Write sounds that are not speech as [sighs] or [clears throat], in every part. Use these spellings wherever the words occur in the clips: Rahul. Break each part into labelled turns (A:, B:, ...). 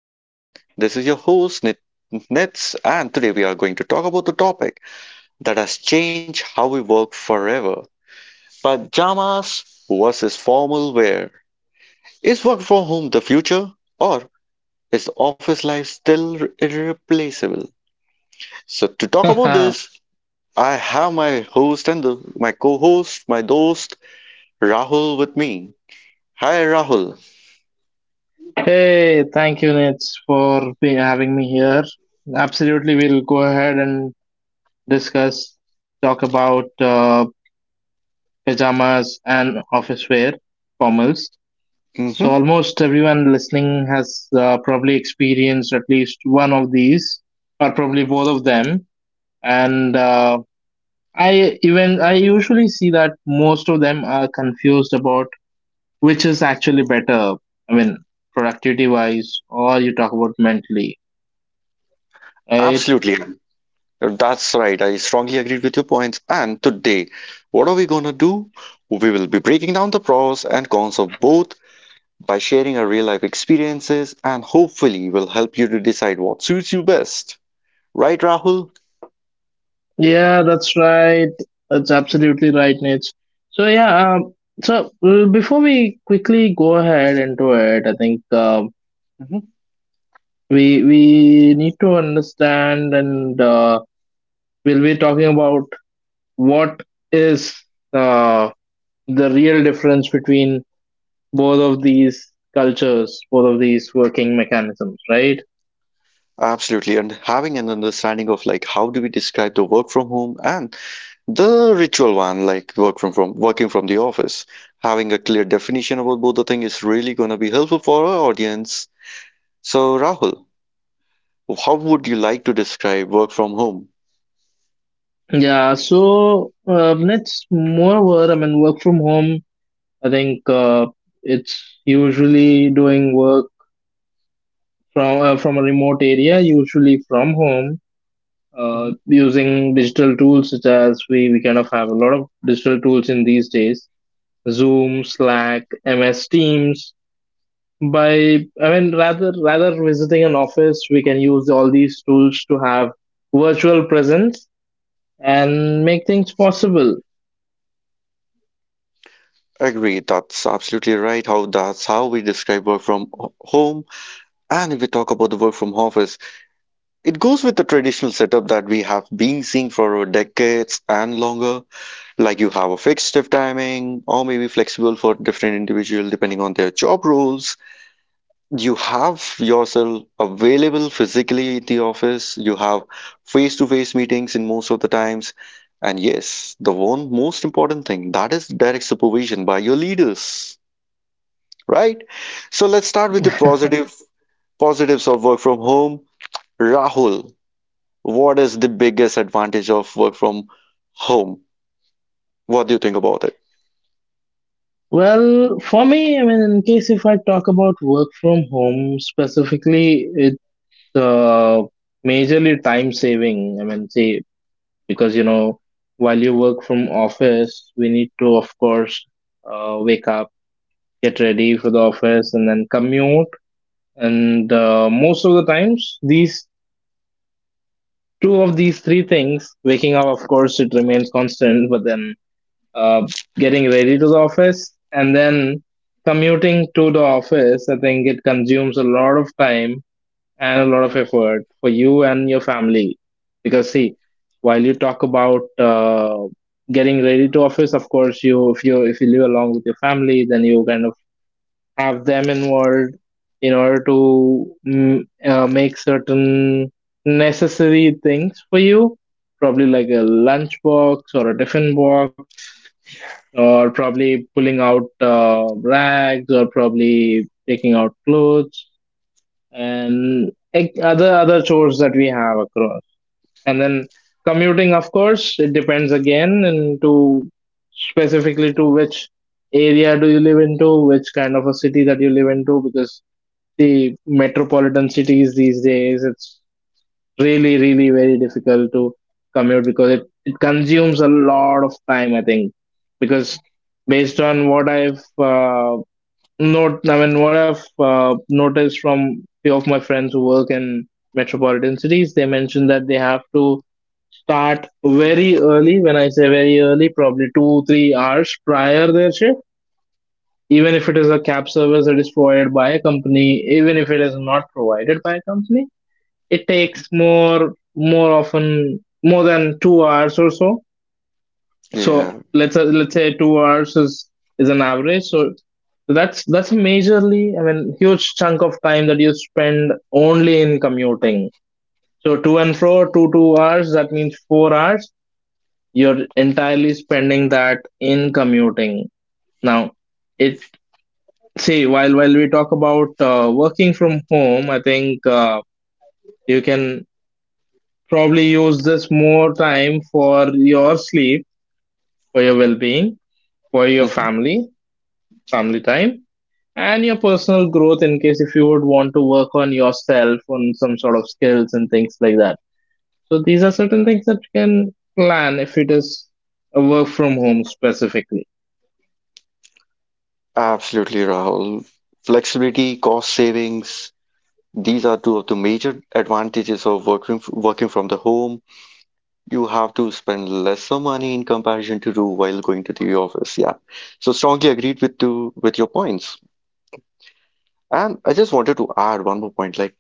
A: And this is your host, Nits. And today we are going to talk about the topic that has changed how we work forever, pajamas versus formal wear. Is work from home the future, or is office life still irreplaceable? So, to
B: [laughs]
A: talk about
B: hey,
A: this, I have my host and my co host, my dost, Rahul, with me. Hi, Rahul.
B: thank you, Nitz, for having me here. Absolutely, we'll go ahead and talk about pajamas and office wear, formals. So,
A: Hmm.
B: almost everyone listening has probably experienced at least one of these, or probably both of them. And uh, I usually see that most of them are confused about which is actually better. I mean, productivity wise, or you talk about mentally. Right.
A: Absolutely. That's right. I strongly agreed with your points. And today, what are we going to do? We will be breaking down the pros and cons of both by sharing our real life experiences, and hopefully will help you to decide what suits you best. Right, Rahul?
B: Yeah, that's right. That's absolutely right, Nate. So yeah, before we quickly go ahead into it, I think um,
A: Mhm.
B: we we need to understand, and we'll be talking about what is, uh, the real difference between both of these cultures, both of these working mechanisms, right?
A: Absolutely. And having an understanding of like how do we describe the work from home and the ritual one, like work from working from the office. Having a clear definition about both the thing is really going to be helpful for our audience. So, Rahul, how would you like to describe work from home?
B: Yeah. So let moreover, I mean, work from home, I think it's usually doing work from a remote area, usually from home,
A: Mhm.
B: using digital tools, such as, we kind of have a lot of digital tools in these days: Zoom, Slack, MS Teams. By I mean, rather visiting an office, we can use all these tools to have virtual presence and make things possible.
A: Agree, that's absolutely right. How that's how we describe work from home. And if we talk about the work from office, it goes with the traditional setup that we have been seeing for decades and longer. Like you have a fixed shift timing, or maybe flexible for different individual depending on their job roles. You have yourself available physically in the office, you have face to face meetings in most of the times, and yes, the one most important thing, that is direct supervision by your leaders, right? So let's start with the
B: [laughs]
A: positives of work from home. Rahul, what is the biggest advantage of work from home? What do you think about it?
B: Well, for me, I mean, in case if I talk about work from home specifically, it's uh, majorly time saving. I mean, see, because you know, while you work from office, we need to, of course, wake up, get ready for the office, and then commute. And most of the times, these two of these three things, waking up, of course, it remains constant, but then uh, getting ready to the office and then commuting to the office, I think it consumes a lot of time and a lot of
A: Mm.
B: effort for you and your family. Because, see, while you talk about getting ready to office, of course, you, if you live along with your family, then you kind of have them involved in order to, make certain necessary things for you, probably like a lunch box or a tiffin box, or probably pulling out rags, or probably taking out clothes and other chores that we have across. And then commuting, of course, it depends again into, specifically, to which area do you live into, which kind of a city that you live into, because the metropolitan cities these days, it's really, really, very difficult to commute, because it consumes a lot of time, I think, because based on what I've not I mean, what I've noticed from few of my friends who work in metropolitan cities, they mentioned that they have to start very early. When I say very early, probably 2 3 hours prior their shift, even if it is a cab service that is provided by a company, even if it is not provided by a company, it takes more often more than 2 hours or so. So
A: Yeah.
B: let's say 2 hours is an average. So that's a majorly, I mean, huge chunk of time that you spend only in commuting. So, to and fro, two hours, that means 4 hours you're entirely spending that in commuting. Now, it see, while we talk about working from home, I think you can probably use this more time for your sleep, for your well being, for your
A: Mhm.
B: family, family time, and your personal growth, in case if you would want to work on yourself, on some sort of skills and things like that. So these are certain things that you can plan, if it is a work from home specifically.
A: Absolutely, Rahul. Flexibility, cost savings. These are two of the major advantages of working from the home. You have to spend lesser money in comparison to do while going to the office. Yeah. So strongly agreed with to with your points. And I just wanted to add one more point. Like,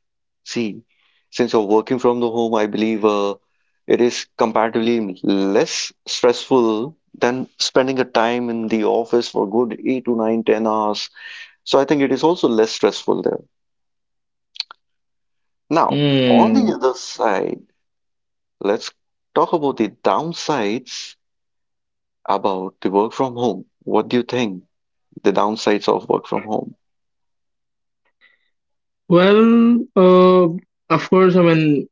A: see, since you're working from the home, I believe it is comparatively less stressful than spending a time in the office for good eight to nine, 10 hours. So I think it is also less stressful there. Now, on the
B: Hmm.
A: other side, let's talk about the downsides about the work from home. What do you think the downsides of work from home?
B: Well, of course, I mean,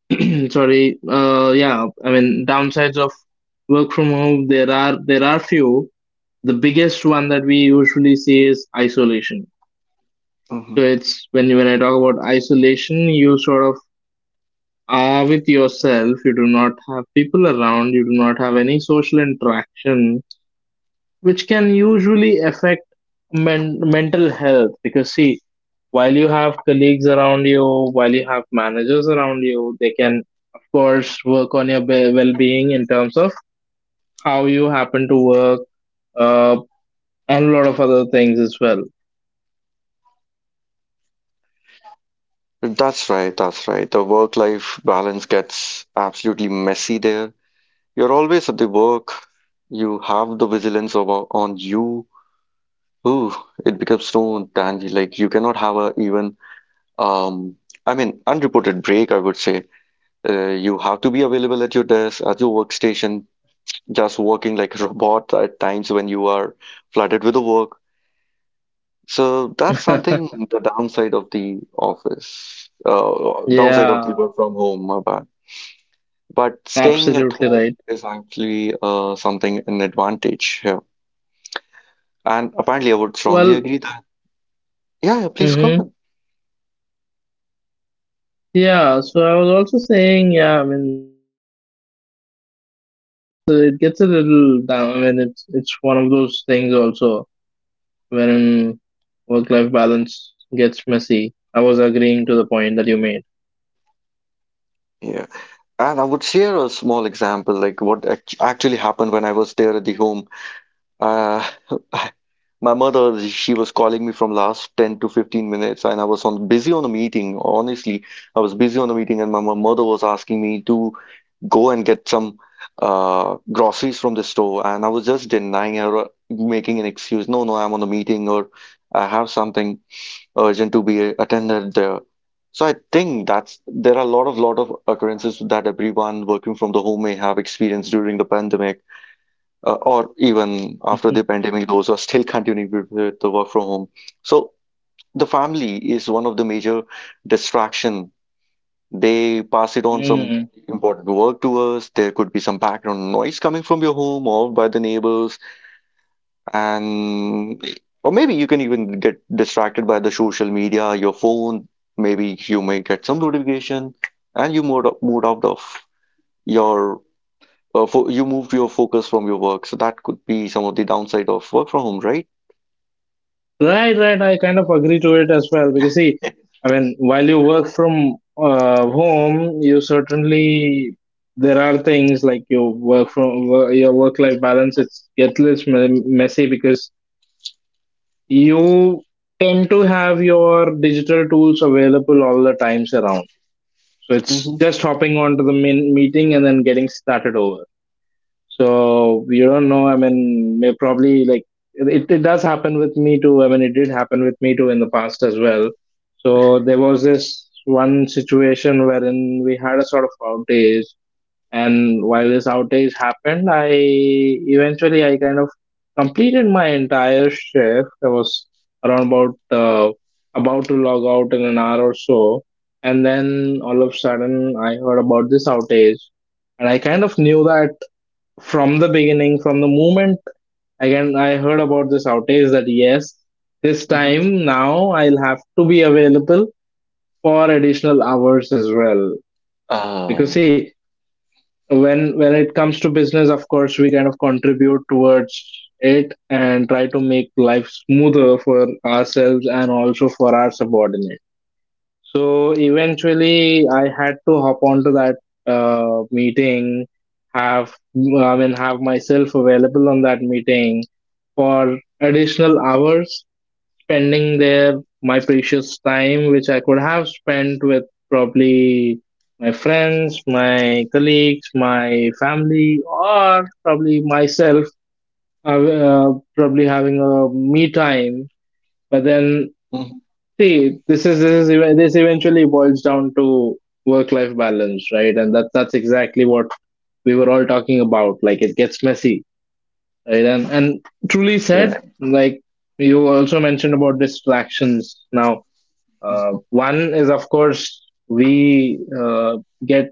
B: [clears throat] sorry, yeah, I mean, downsides of work from home, there are few. The biggest one that we usually see is isolation.
A: Hmm.
B: So it's when I talk about isolation, you sort of are with yourself. You do not have people around. You do not have any social interaction, which can usually affect mental health. Because, see, while you have colleagues around you, while you have managers around you, they can, of course, work on your well-being in terms of how you happen to work, uh, and a lot of other things as well.
A: That's right, that's right. The work-life balance gets absolutely messy there. You're always at the work. You have the vigilance of, on you. Ooh, it becomes so tangy. Like you cannot have a even, um I mean, unreported break, I would say. You have to be available at your desk, at your workstation, just working like a [laughs] robot at times when you are flooded with the work. So that's
B: [laughs]
A: something the downside of the office, downside of the
B: Yeah,
A: work from home. My bad. But staying at
B: absolutely
A: home
B: right.
A: is actually something an advantage here. And apparently, I would strongly
B: Well.
A: agree that. Yeah, yeah, please go
B: Mm-hmm.
A: ahead.
B: Yeah, so I was also saying, yeah, I mean, work-life balance, it gets a little down. I mean, it's one of those things also, wherein work-life balance gets messy. I was agreeing to the point that you made.
A: Yeah. And I would share a small example, like what actually happened when I was there at the home. Uh, [laughs] My mother, she was calling me from last 10 to 15 minutes, and I was on busy on a meeting. Honestly, I was busy on a meeting, and my mother was asking me to go and get some groceries from the store, and I was just denying her, making an excuse. No, no, I'm on a meeting, or I have something urgent to be attended there. So I think that's there are a lot of occurrences that everyone working from the home may have experienced during the pandemic, or even after the pandemic, those are still continuing with the work from home. So the family is one of the major distraction. They pass it on some
B: [laughs]
A: important work to us. There could be some background noise coming from your home or by the neighbors, and or maybe you can even get distracted by the social media, your phone. Maybe you may get some notification, and you moved out of your fo you moved your focus from your work. So that could be some of the downside of work from home, right?
B: Right, right. I kind of agree to it as well, because, see, I mean, while you work from home, you certainly, there are things like your work from your work life balance. It's gets less messy, because you tend to have your digital tools available all the times around. So it's
A: Mm-hmm.
B: just hopping onto the main meeting and then getting started over. So we don't know. I mean, may probably like, it does happen with me too. I mean, it did happen with me too in the past as well. So there was this one situation wherein we had a sort of outage, and while this outage happened, I kind of completed my entire shift. I was around about to log out in an hour or so, and then all of a sudden I heard about this outage, and I kind of knew that from the beginning, from the moment, again, I heard about this outage, that yes, this
A: Mm-hmm.
B: time now I'll have to be available for additional hours as well.
A: Uh,
B: Because, see, when it comes to business, of course, we kind of contribute towards it, and try to make life smoother for ourselves and also for our subordinates. So eventually I had to hop onto that meeting, have I mean, have myself available on that meeting for additional hours, spending there my precious time, which I could have spent with, probably, my friends, my colleagues, my family, or probably myself, uh, uh, probably having a me time. But then,
A: mhm.
B: see, this eventually boils down to work life balance, right? And that's exactly what we were all talking about, like it gets messy, right? And truly said,
A: Right.
B: like you also mentioned about distractions. Now, one is, of course, we uh, get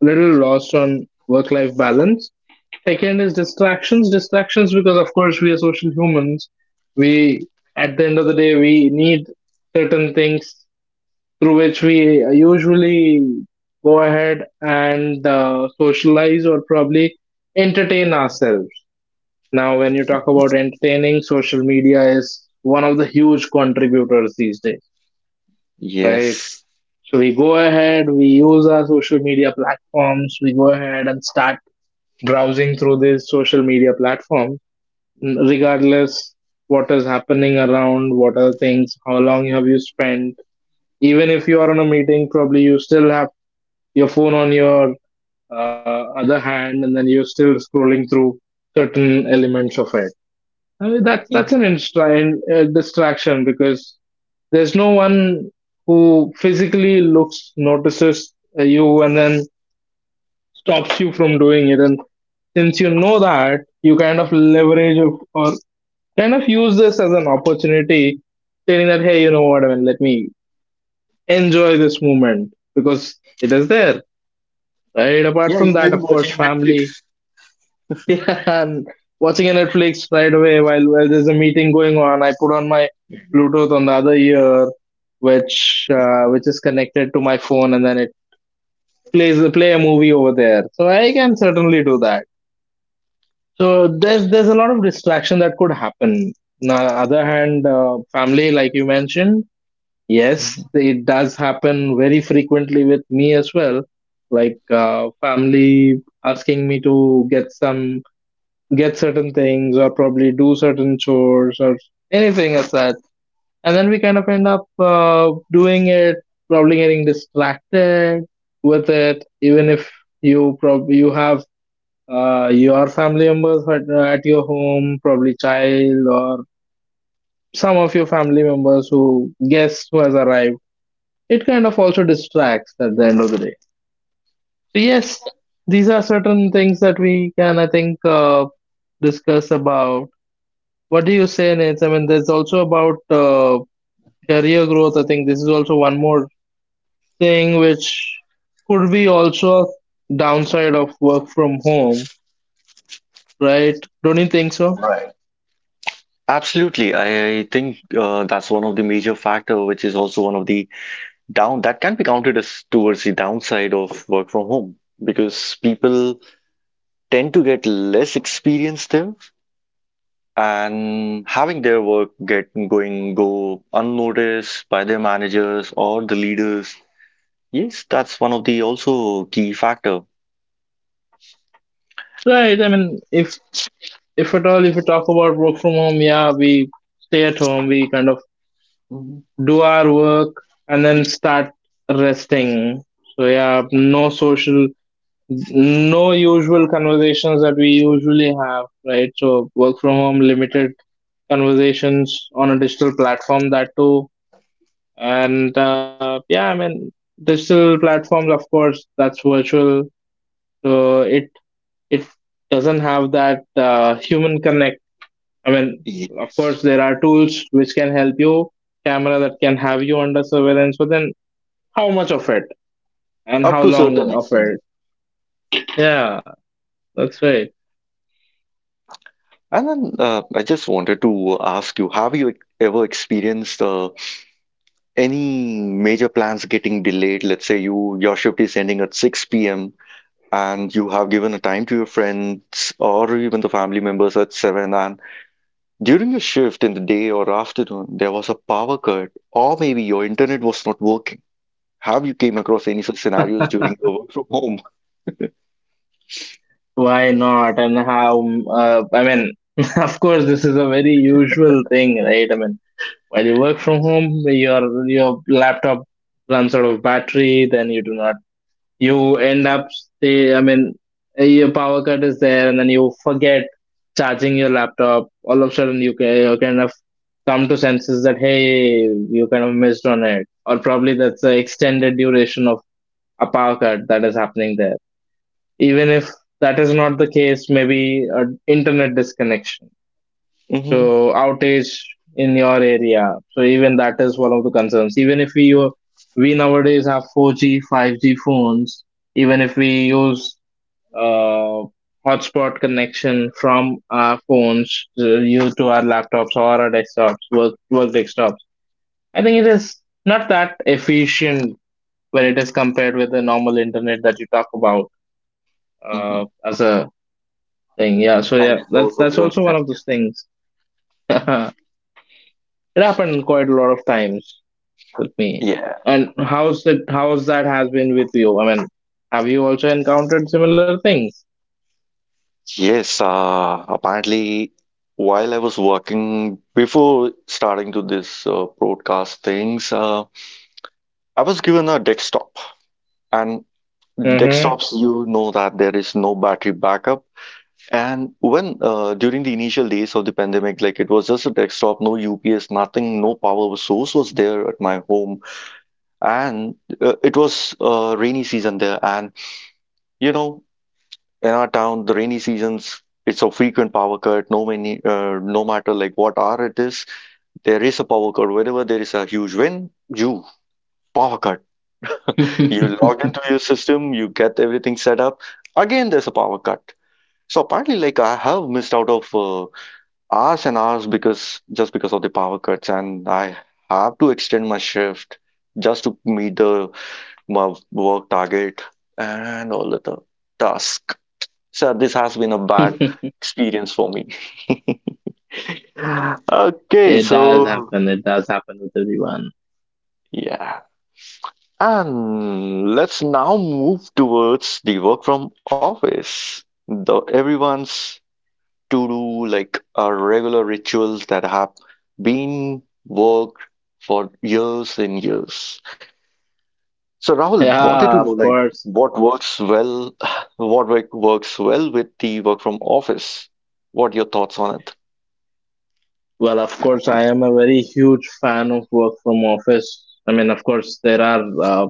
B: little lost on work life balance. Second is distractions, because, of course, we are social humans. We At the end of the day, we need certain things through which we usually go ahead and socialize or probably entertain ourselves. Now, when you talk about entertaining, social media is one of the huge contributors these days, right?
A: Yes.
B: So we go ahead, we use our social media platforms, we go ahead and start browsing through these social media platforms, regardless what is happening around, what are the things, how long have you spent. Even if you are on a meeting, probably you still have your phone on your other hand, and then you're still scrolling through certain elements of it. I mean, that's
A: Mhm.
B: an distraction, because there's no one who physically looks notices you and then stops you from doing it. And since you know that, you kind of leverage it, or kind of use this as an opportunity, saying that, hey, you know what, I mean, let me enjoy this moment because it is there. Right. Apart from that, of course, family. [laughs] Yeah, and watching a Netflix right away while there's a meeting going on. I put on my Bluetooth on the other ear, which is connected to my phone, and then it plays play a movie over there. So I can certainly do that. So there's a lot of distraction that could happen. On the other hand, family, like you mentioned, yes,
A: Mhm.
B: it does happen very frequently with me as well. Like, family asking me to get some get certain things, or probably do certain chores, or anything as that. And then we kind of end up, doing it, probably getting distracted with it. Even if you, probably you have, your family members at your home, probably child, or some of your family members who has arrived, it kind of also distracts at the end of the day. So yes, these are certain things that we can, I think, discuss about. What do you say, Nate? I mean, there's also about career growth. I think this is also one more thing which could be also downside of work from home, right? Don't you think so?
A: Right. Absolutely. I think that's one of the major factor, which is also one of the down that can be counted as towards the downside of work from home because people tend to get less experience there and having their work get going go unnoticed by their managers or the leaders. Yes, that's one of the also key factor.
B: Right. I mean, if, at all, if we talk about work from home, yeah, we stay at home. We kind of
A: Mhm.
B: do our work and then start resting. So yeah, no social, no usual conversations that we usually have, right? So work from home limited conversations on a digital platform that too and yeah, I mean digital platforms, of course, that's virtual, so it doesn't have that human connect. I mean,
A: Yeah.
B: of course, there are tools which can help you, camera that can have you under surveillance, but then how much of it and
A: Up
B: how
A: to
B: long
A: certain
B: of
A: extent.
B: it. Yeah, that's right.
A: And then I just wanted to ask you, have you ever experienced any major plans getting delayed? Let's say you your shift is ending at 6 p.m. and you have given a time to your friends or even the family members at 7, and during your shift in the day or afternoon there was a power cut or maybe your internet was not working. Have you came across any such scenarios during your work from home?
B: Why not, and how, I mean, [laughs] of course this is a very usual thing, right? I mean, while you work from home, your laptop runs out of battery, then you do not. You end up stay. I mean, your power cut is there, and then you forget charging your laptop. All of a sudden, you can you kind of come to senses that hey, you kind of missed on it, or probably that's the extended duration of a power cut that is happening there. Even if that is not the case, maybe an internet disconnection, so outage in your area, so even that is one of the concerns. Even if we nowadays have 4G 5G phones, even if we use uh, hotspot connection from our phones to, you to our laptops or our desktops, work desktops, I think it is not that efficient when it is compared with the normal internet that you talk about,
A: Hmm.
B: as a thing. Yeah, so yeah,
A: Primary
B: that's
A: source of
B: that's
A: your
B: also one
A: income.
B: of
A: Yeah.
B: those things. [laughs] It happened quite a lot of times with me.
A: Yeah.
B: And how's that? How's that has been with you? I mean, have you also encountered similar things?
A: Yes. Apparently, while I was working before starting to this broadcast things, I was given a desktop, and
B: Mm-hmm.
A: desktops, you know that there is no battery backup. And when during the initial days of the pandemic, like it was just a desktop, no UPS, nothing, no power source was there at my home, and it was rainy season there, and you know, in our town the rainy seasons, it's a frequent power cut. No many, no matter like what hour it is, there is a power cut. Whenever there is a huge wind, you power cut. You log into
B: [laughs]
A: your system, you get everything set up, again there's a power cut. So apparently, like I have missed out of hours and hours because just because of the power cuts, and I have to extend my shift just to meet the my work target and all the task. So this has been a bad experience for me. [laughs] Okay,
B: It does
A: so
B: happen. It does happen with everyone.
A: yeah. And let's now move towards the work from office. The everyone's to do like a regular rituals that have been worked for years and years. So Rahul, wanted
B: Yeah,
A: to
B: of
A: know like
B: course.
A: what works well, [sighs] what works well with the work from office. What are your thoughts on it?
B: Well, of course, I am a very huge fan of work from office. I mean, of course, there are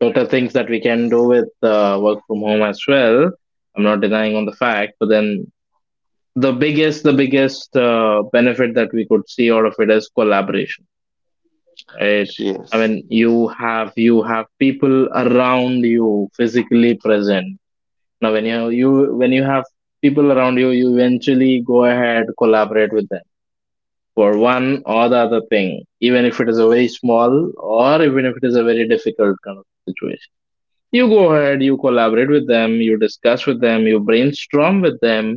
B: total things that we can do with work from home as well. I'm not denying on the fact, but then the biggest benefit that we could see out of it is collaboration, right? I mean,
A: Yes.
B: you have people around you physically present. Now when you when you have people around you, you eventually go ahead, collaborate with them for one or the other thing, even if it is a very small or even if it is a very difficult kind of situation. You go ahead, you collaborate with them, you discuss with them, you brainstorm with them,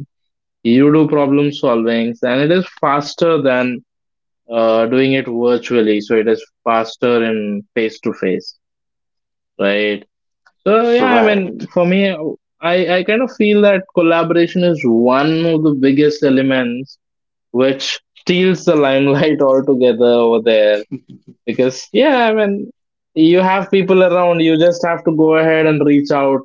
B: you do problem solvings, and it is faster than doing it virtually. So it is faster in face to face, right? So yeah, I mean,
A: Right.
B: for me, I kind of feel that collaboration is one of the biggest elements which steals the limelight [laughs] altogether over there, because yeah, I mean, you have people around you, just have to go ahead and reach out,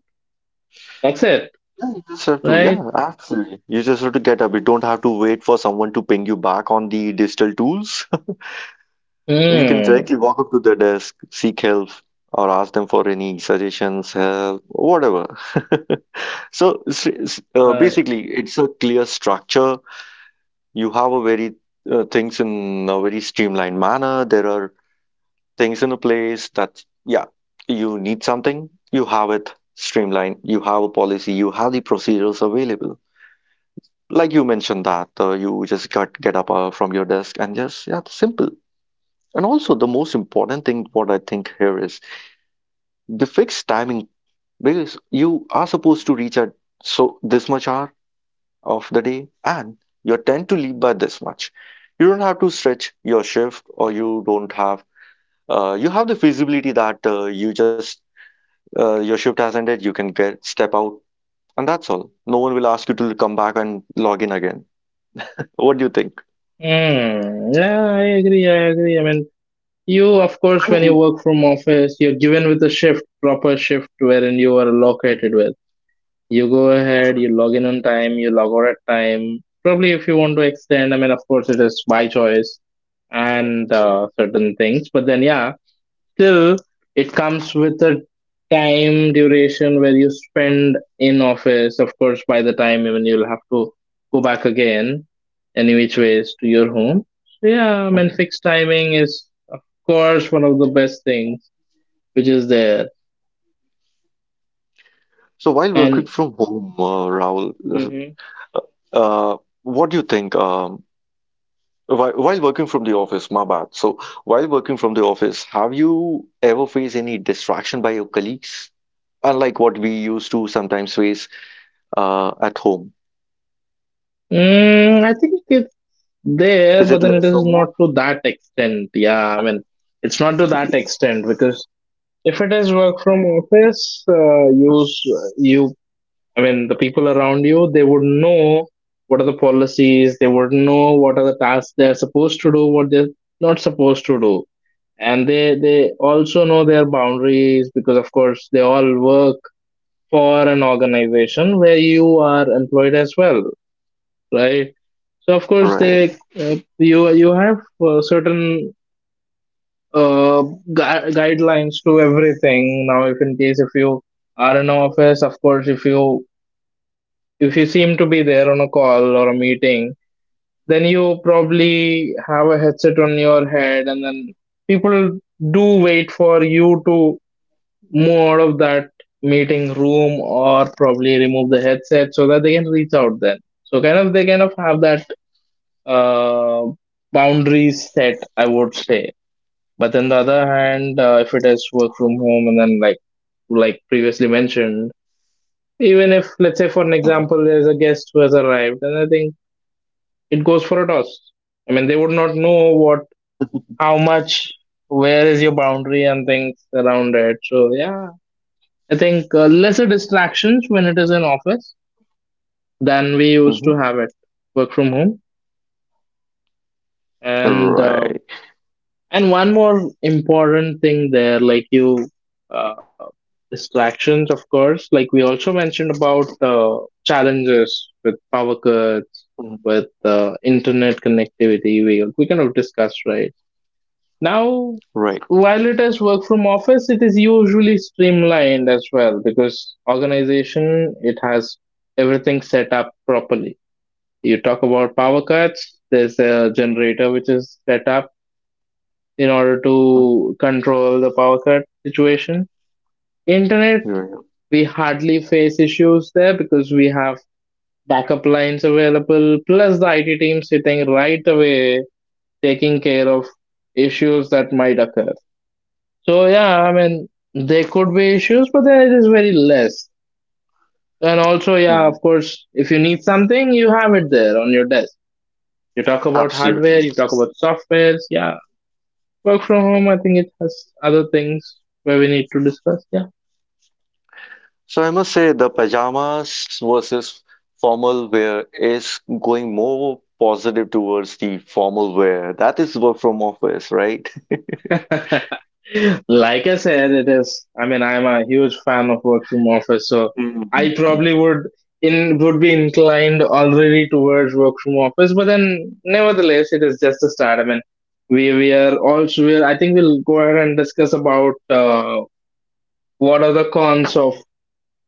B: that's it.
A: You just have to, yeah,
B: Right.
A: absolutely. You just have to get up. You don't have to wait for someone to ping you back on the digital tools. [laughs] You can
B: Hmm.
A: directly walk up to the desk, seek help, or ask them for any suggestions, help, whatever. [laughs] So
B: I,
A: basically, it's a clear structure. You have a very things in a very streamlined manner. There are things in a place that, yeah, you need something, you have it streamlined. You have a policy, you have the procedures available. Like you mentioned that you just got get up from your desk and just yeah, simple. And also the most important thing what I think here is the fixed timing, because you are supposed to reach at so this much hour of the day, and you tend to leave by this much. You don't have to stretch your shift, or you don't have you have the feasibility that you just your shift has ended, you can get step out, and that's all. No one will ask you to come back and log in again. What do you think?
B: mm, yeah, I agree. I mean, you, of course, when you
A: You.
B: work from office, you're given with a shift proper shift wherein you are located with, you go ahead, you log in on time, you log out at time. Probably if you want to extend, I mean, of course, it is by choice and certain things. But then, yeah, still, it comes with a time duration where you spend in office. Of course, by the time, even you'll have to go back again, any which ways, to your home. So, yeah, I mean, fixed timing is, of course, one of the best things which is there.
A: So while working
B: And
A: from home, Rahul,
B: hmm.
A: what do you think? While working from the office, my bad. So while working from the office, have you ever faced any distraction by your colleagues? Unlike what we used to sometimes face at home.
B: Mm, I think
A: Is
B: there,
A: it
B: but then it
A: less
B: is not
A: remote?
B: to that extent. Yeah, I mean, it's not to that extent because if it is work from office, you, I mean, the people around you, they would know what are the policies, they would know what are the tasks they're supposed to do, what they're not supposed to do, and they also know their boundaries, because of course they all work for an organization where you are employed as well, right? So of course they
A: Right.
B: you have certain uh, guidelines to everything. Now, if in case if you are in office, of course, if you seem to be there on a call or a meeting, then you probably have a headset on your head, and then people do wait for you to move out of that meeting room or probably remove the headset so that they can reach out then. So kind of they kind of have that uh, boundaries set, I would say. But on the other hand, if it is work from home, and then like previously mentioned,
A: Hmm.
B: even if let's say for an example, there's a guest who has arrived, and I think it goes for a toss. I mean, they would not know what, how much, where is your boundary and things around it. So yeah, I think lesser distractions when it is in office
A: Hmm.
B: than we used to have it work from home,
A: Right.
B: and and one more important thing there, like you, uh, distractions, of course. Like we also mentioned about challenges with power cuts,
A: Mhm.
B: with internet connectivity. We kind of discussed right now.
A: Right.
B: While it is work from office, it is usually streamlined as well, because organization it has everything set up properly. You talk about power cuts. There's a generator which is set up in order
A: Mhm.
B: to control the power cut situation. Internet,
A: Yeah.
B: we hardly face issues there because we have backup lines available, plus the IT team sitting right away taking care of issues that might occur. So, yeah, I mean, there could be issues, but then it is very less. And also, yeah, of
A: Mhm.
B: course, if you need something, you have it there on your desk. You talk about hardware,
A: Absolutely.
B: you talk about softwares, yeah. Work from home, I think it has other things where we need to discuss, yeah.
A: So I must say the pajamas versus formal wear is going more positive towards the formal wear. That is work from office, right?
B: [laughs] Like I said, it is. I mean, I'm a huge fan of work from office, so I
A: Hmm.
B: probably would in would be inclined already towards work from office. But then, nevertheless, it is just a start. I mean, we are also. We are, I think we'll go ahead and discuss about what are the cons of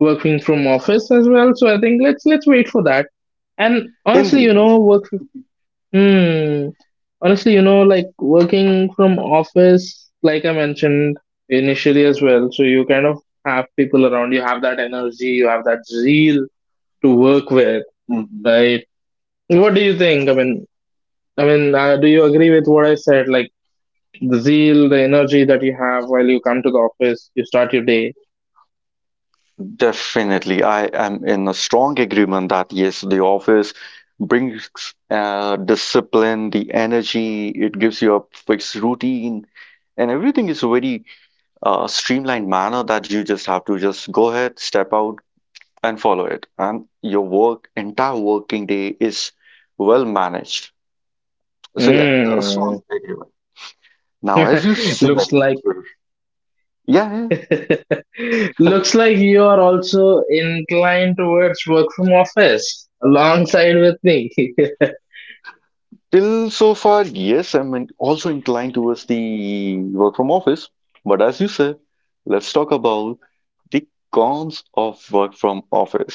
B: working from office as well. So I think let's wait for that. And honestly, you
A: Indeed.
B: know, work. Hmm. Honestly, you know, like working from office, like I mentioned initially as well, so you kind of have people around, you have that energy, you have that zeal to work with,
A: Hmm.
B: right? What do you think? I mean, do you agree with what I said? Like the zeal, the energy that you have while you come to the office, you start your day.
A: Definitely. I am in a strong agreement that yes, the office brings discipline, the energy, it gives you a fixed routine, and everything is a very streamlined manner that you just have to just go ahead, step out, and follow it and your work entire working day is well managed, so yeah, a
B: Hmm.
A: strong agreement now as you
B: [laughs]
A: said.
B: Looks like
A: Yeah, yeah,
B: [laughs] looks like you are also inclined towards work from office alongside with me. [laughs]
A: till so far yes, also inclined towards the work from office, but as you said, let's talk about the cons of work from office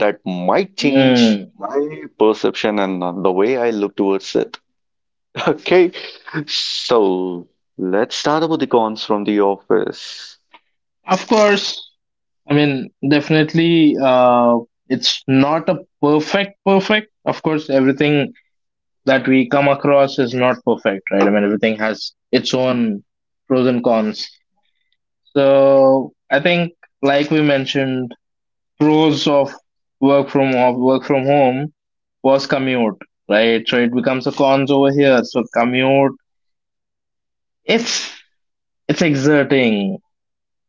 A: that might change
B: Mm.
A: my perception and the way I look towards it. [laughs] Okay, so let's start about the cons from the office.
B: Of course, I mean, definitely, it's not a perfect. Of course, everything that we come across is not perfect, right? I mean, everything has its own pros and cons. So, I think, like we mentioned, pros of work from home was commute, right? So it becomes a cons over here. So commute, it's it's exerting,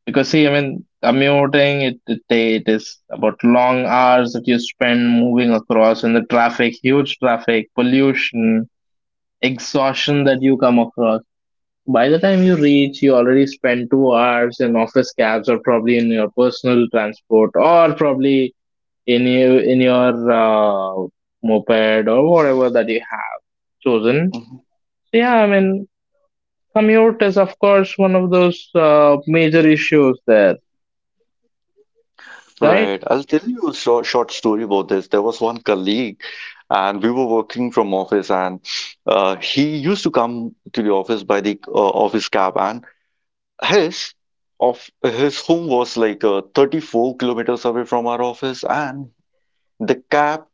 B: because see, I mean, commuting it is about long hours that you spend moving across in the traffic, huge traffic, pollution, exhaustion that you come across. By the time you reach, you already spend 2 hours in office cabs or probably in your personal transport or probably in your moped or whatever that you have chosen.
A: Mhm.
B: So yeah, I mean, commute is, of course, one of those major issues there, right?
A: Right. I'll tell you a short story about this. There was one colleague, and we were working from office, and he used to come to the office by the office cab, and his his home was like 34 kilometers away from our office, and the cab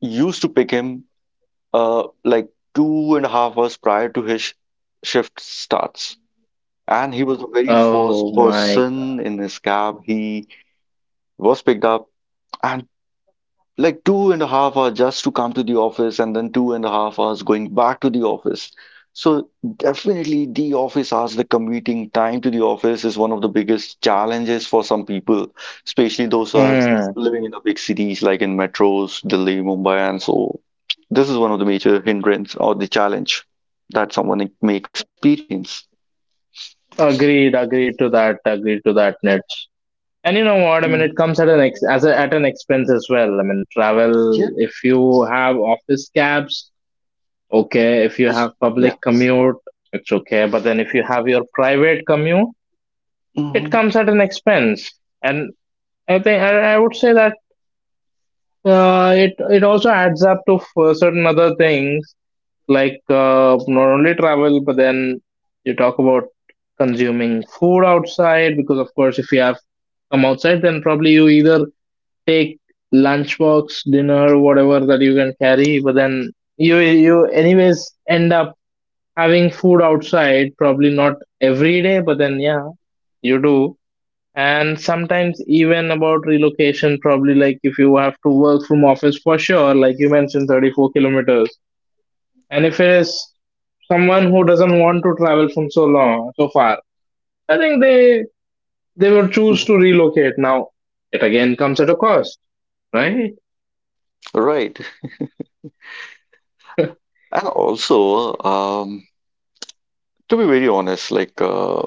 A: used to pick him like 2.5 hours prior to shift starts. And he
B: Oh
A: was the very
B: my.
A: first person in his cab. He was picked up. And like 2.5 hours just to come to the office and then 2.5 hours going back to the office. So definitely the office hours, the commuting time to the office is one of the biggest challenges for some people, especially those who are
B: Mm.
A: living in the big cities like in metros, Delhi, Mumbai, and so this is one of the major hindrance or the challenge that someone may experience.
B: Agreed to that, Nits. And you know what? I
A: Mm.
B: mean, it comes at an at an expense as well. I mean,
A: Yeah,
B: travel. If you have office cabs, okay. If you
A: that's,
B: have
A: yeah.
B: public commute, it's okay. But then if you have your private commute, it
A: Mhm.
B: comes at an expense. And I would say that it also adds up to certain other things, like not only travel, but then you talk about consuming food outside, because of course if you have come outside, then probably you either take lunchbox, dinner, whatever that you can carry, but then you anyways end up having food outside, probably not every day, but then yeah, you do. And sometimes even about relocation, probably, like if you have to work from office for sure, like you mentioned, 34 kilometers, and if it is someone who doesn't want to travel from so long so far, I think they will
A: Mhm.
B: choose to relocate now. It again comes at a cost, right?
A: Right. And also, to be very honest, like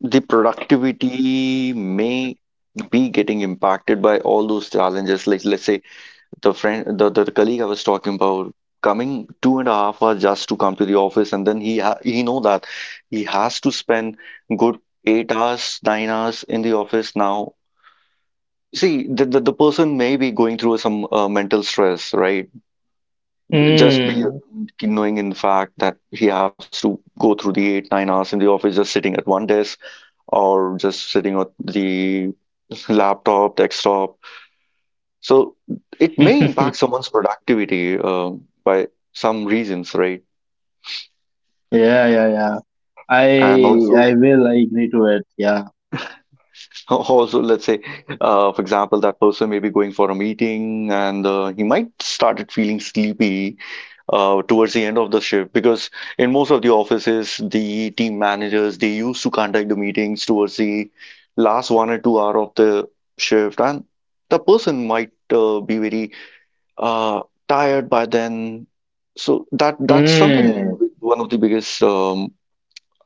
A: the productivity may be getting impacted by all those challenges. Like let's say the friend, the colleague I was talking about coming 2.5 hours just to come to the office, and then he know that he has to spend good 8 hours, 9 hours in the office now. See, the person may be going through some mental stress, right? Just be
B: Hmm.
A: knowing in fact that he has to go through the eight, 9 hours in the office, just sitting at one desk or just sitting at the laptop, desktop. So it may impact
B: [laughs]
A: someone's productivity by some reasons, right?
B: Yeah, yeah, yeah. I
A: And also,
B: I will. I agree to it. Yeah.
A: [laughs] also let's say, for example, that person may be going for a meeting and he might started feeling sleepy towards the end of the shift because in most of the offices, the team managers they used to conduct the meetings towards the last 1 or 2 hour of the shift, and the person might be very uh, tired by then. So that's something
B: Hmm.
A: with one of the biggest um,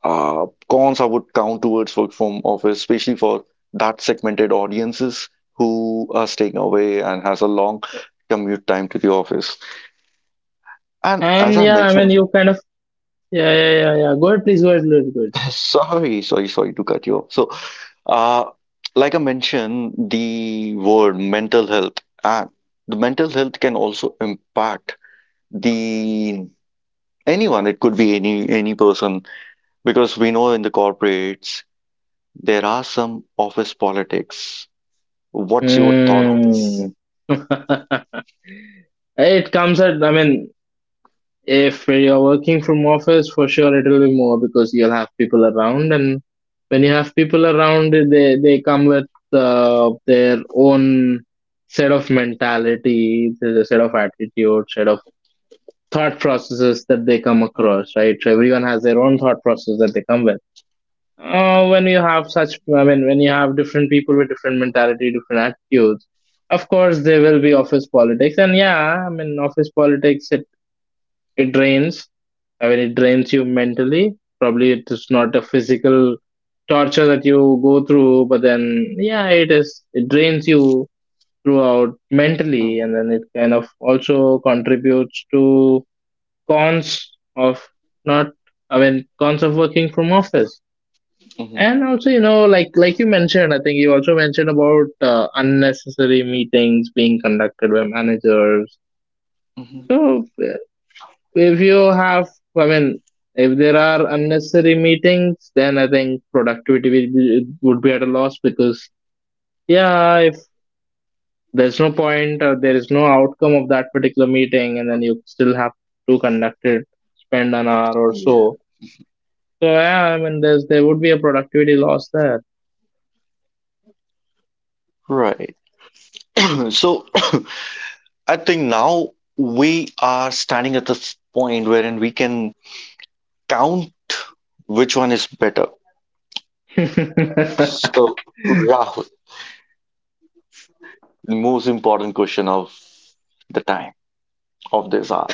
A: uh, cons I would count towards work from office, especially for that segmented audiences who are staying away and has a long commute time to the office. And
B: And
A: as I
B: yeah, I mean,
A: mentioned,
B: you kind of yeah, yeah, yeah, yeah, go ahead, please go ahead, go ahead, go
A: [laughs] sorry to cut you off. So, uh, like I mentioned, the word mental health and the mental health can also impact the anyone, it could be any person, because we know in the corporates there are some office politics. What's your thought on this?
B: ahead. Hmm. [laughs] It comes at, I mean, if you're working from office, for sure it will be more because you'll have people around, and when you have people around, they come with their own set of mentality, the set of attitude, set of thought processes that they come across, right? So everyone has their own thought process that they come with. uh, when you have such when you have different people with different mentality, different attitudes, of course there will be office politics. And yeah, I mean, office politics, it drains, I mean, it drains you mentally. Probably it is not a physical torture that you go through, but then yeah, it is, it drains you throughout mentally, and then it kind of also contributes to cons of, not I mean cons of working from office.
A: Hmm.
B: And also, like you mentioned, I think you also mentioned about unnecessary meetings being conducted by managers.
A: Hmm.
B: So if you have, I mean, if there are unnecessary meetings, then I think productivity will be, would be at a loss because yeah, if there's no point or there is no outcome of that particular meeting, and then you still have to conduct it, spend an hour or
A: Yeah.
B: so. So yeah, I mean, there would be a productivity loss there.
A: Right. [clears throat] So [clears throat] I think now we are standing at this point wherein we can count which one is better. So Rahul, the most important question of the time of this hour.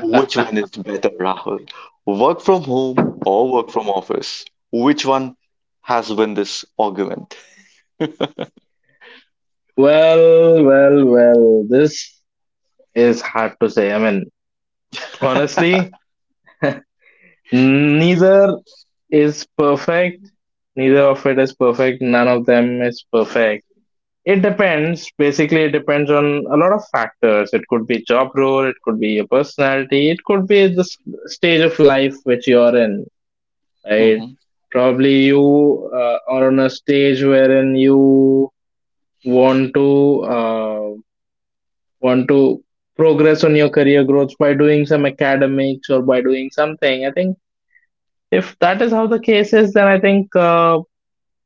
A: Which one
B: [laughs]
A: is better, Rahul? Work from home or work from office? Which one has won this argument?
B: Well, well, well, this is hard to say. I mean, honestly, neither is perfect. Neither of it is perfect. None of them is perfect. It depends. Basically, it depends on a lot of factors. It could be job role, it could be your personality, it could be the stage of life which you're in, right?
A: Mm-hmm.
B: Probably you are on a stage wherein you want to. Want to progress on your career growth by doing some academics or by doing something. I think if that is how the case is, then I think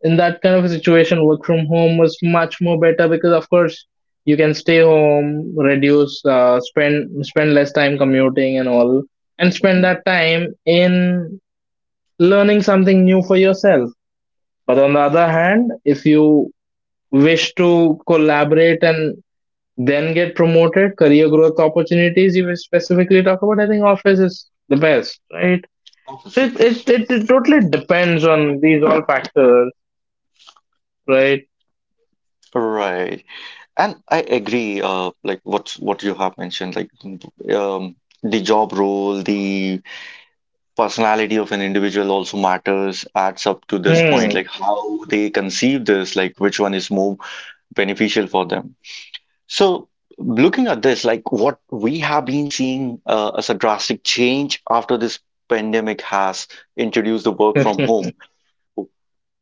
B: in that kind of a situation, work from home was much more better because, of course, you can stay home, reduce, spend less time commuting and all, and spend
A: Mm-hmm.
B: that time in learning something new for yourself. But on the other hand, if you wish to collaborate and then get promoted, career growth opportunities you will specifically talk about, I think office is the best, right? So
A: Office it
B: it
A: is.
B: it, it, it totally depends on these all factors, right?
A: Right. And I agree, like what you have mentioned, like um, the job role, the personality of an individual also matters, adds up to this point,
B: Hmm.
A: like how they conceive this, like which one is more beneficial for them. So, looking at this, like what we have been seeing as a drastic change after this pandemic has introduced the work from
B: [laughs]
A: home.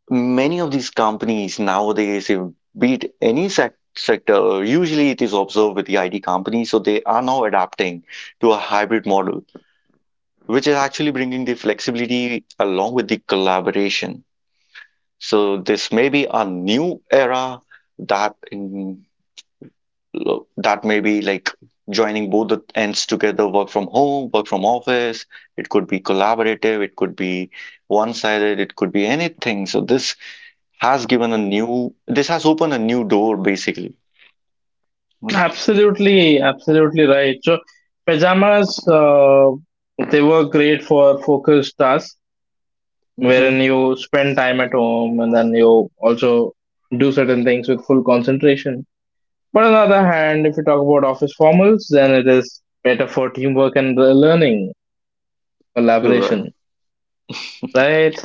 A: Many of these companies nowadays, if be it any sec- sector, usually it is observed with the IT companies, so they are now adapting to a hybrid model, which is actually bringing the flexibility along with the collaboration. So, this may be a new era that in that may be like joining both the ends together, work from home, work from office. It could be collaborative, it could be one sided, it could be anything. So this has opened a new door basically, right?
B: Absolutely, absolutely right. So pajamas, they were great for focused tasks wherein
A: Mhm.
B: you spend time at home and then you also do certain things with full concentration. But on the other hand, if you talk about office formals, then it is better for teamwork and the learning
A: You're right.
B: collaboration, right?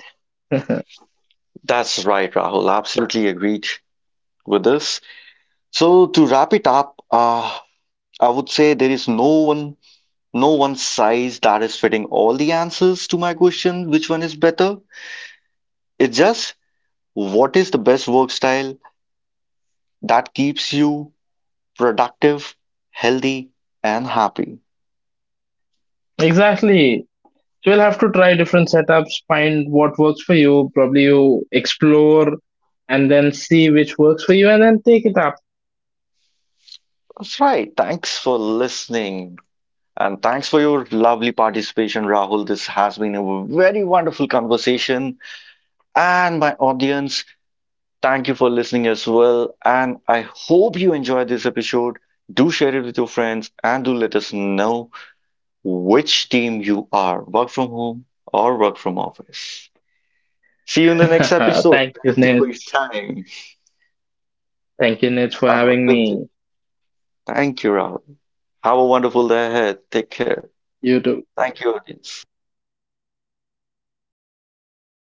A: That's right, Rahul, absolutely agreed with this. So to wrap it up, I would say there is no one size that is fitting all the answers to my question, which one is better. It's just, what is the best work style that keeps you productive, healthy, and happy?
B: Exactly. So you'll have to try different setups, find what works for you. Probably you explore and then see which works for you and then take it
A: That's right. Thanks for listening. And thanks for your lovely participation, Rahul. This has been a very wonderful conversation. And my audience, thank you for listening as well. And I hope you enjoyed this episode. Do share it with your friends and do let us know which team you are, work from home or work from office. See you in the next
B: up. [laughs]
A: episode.
B: Thank you,
A: Thank you for your
B: Nitz.
A: time.
B: Thank you, Nitz, for
A: Have a
B: having
A: good day.
B: me.
A: Thank you, Rahul. Have a wonderful day ahead. Take care.
B: You too.
A: Thank you, audience.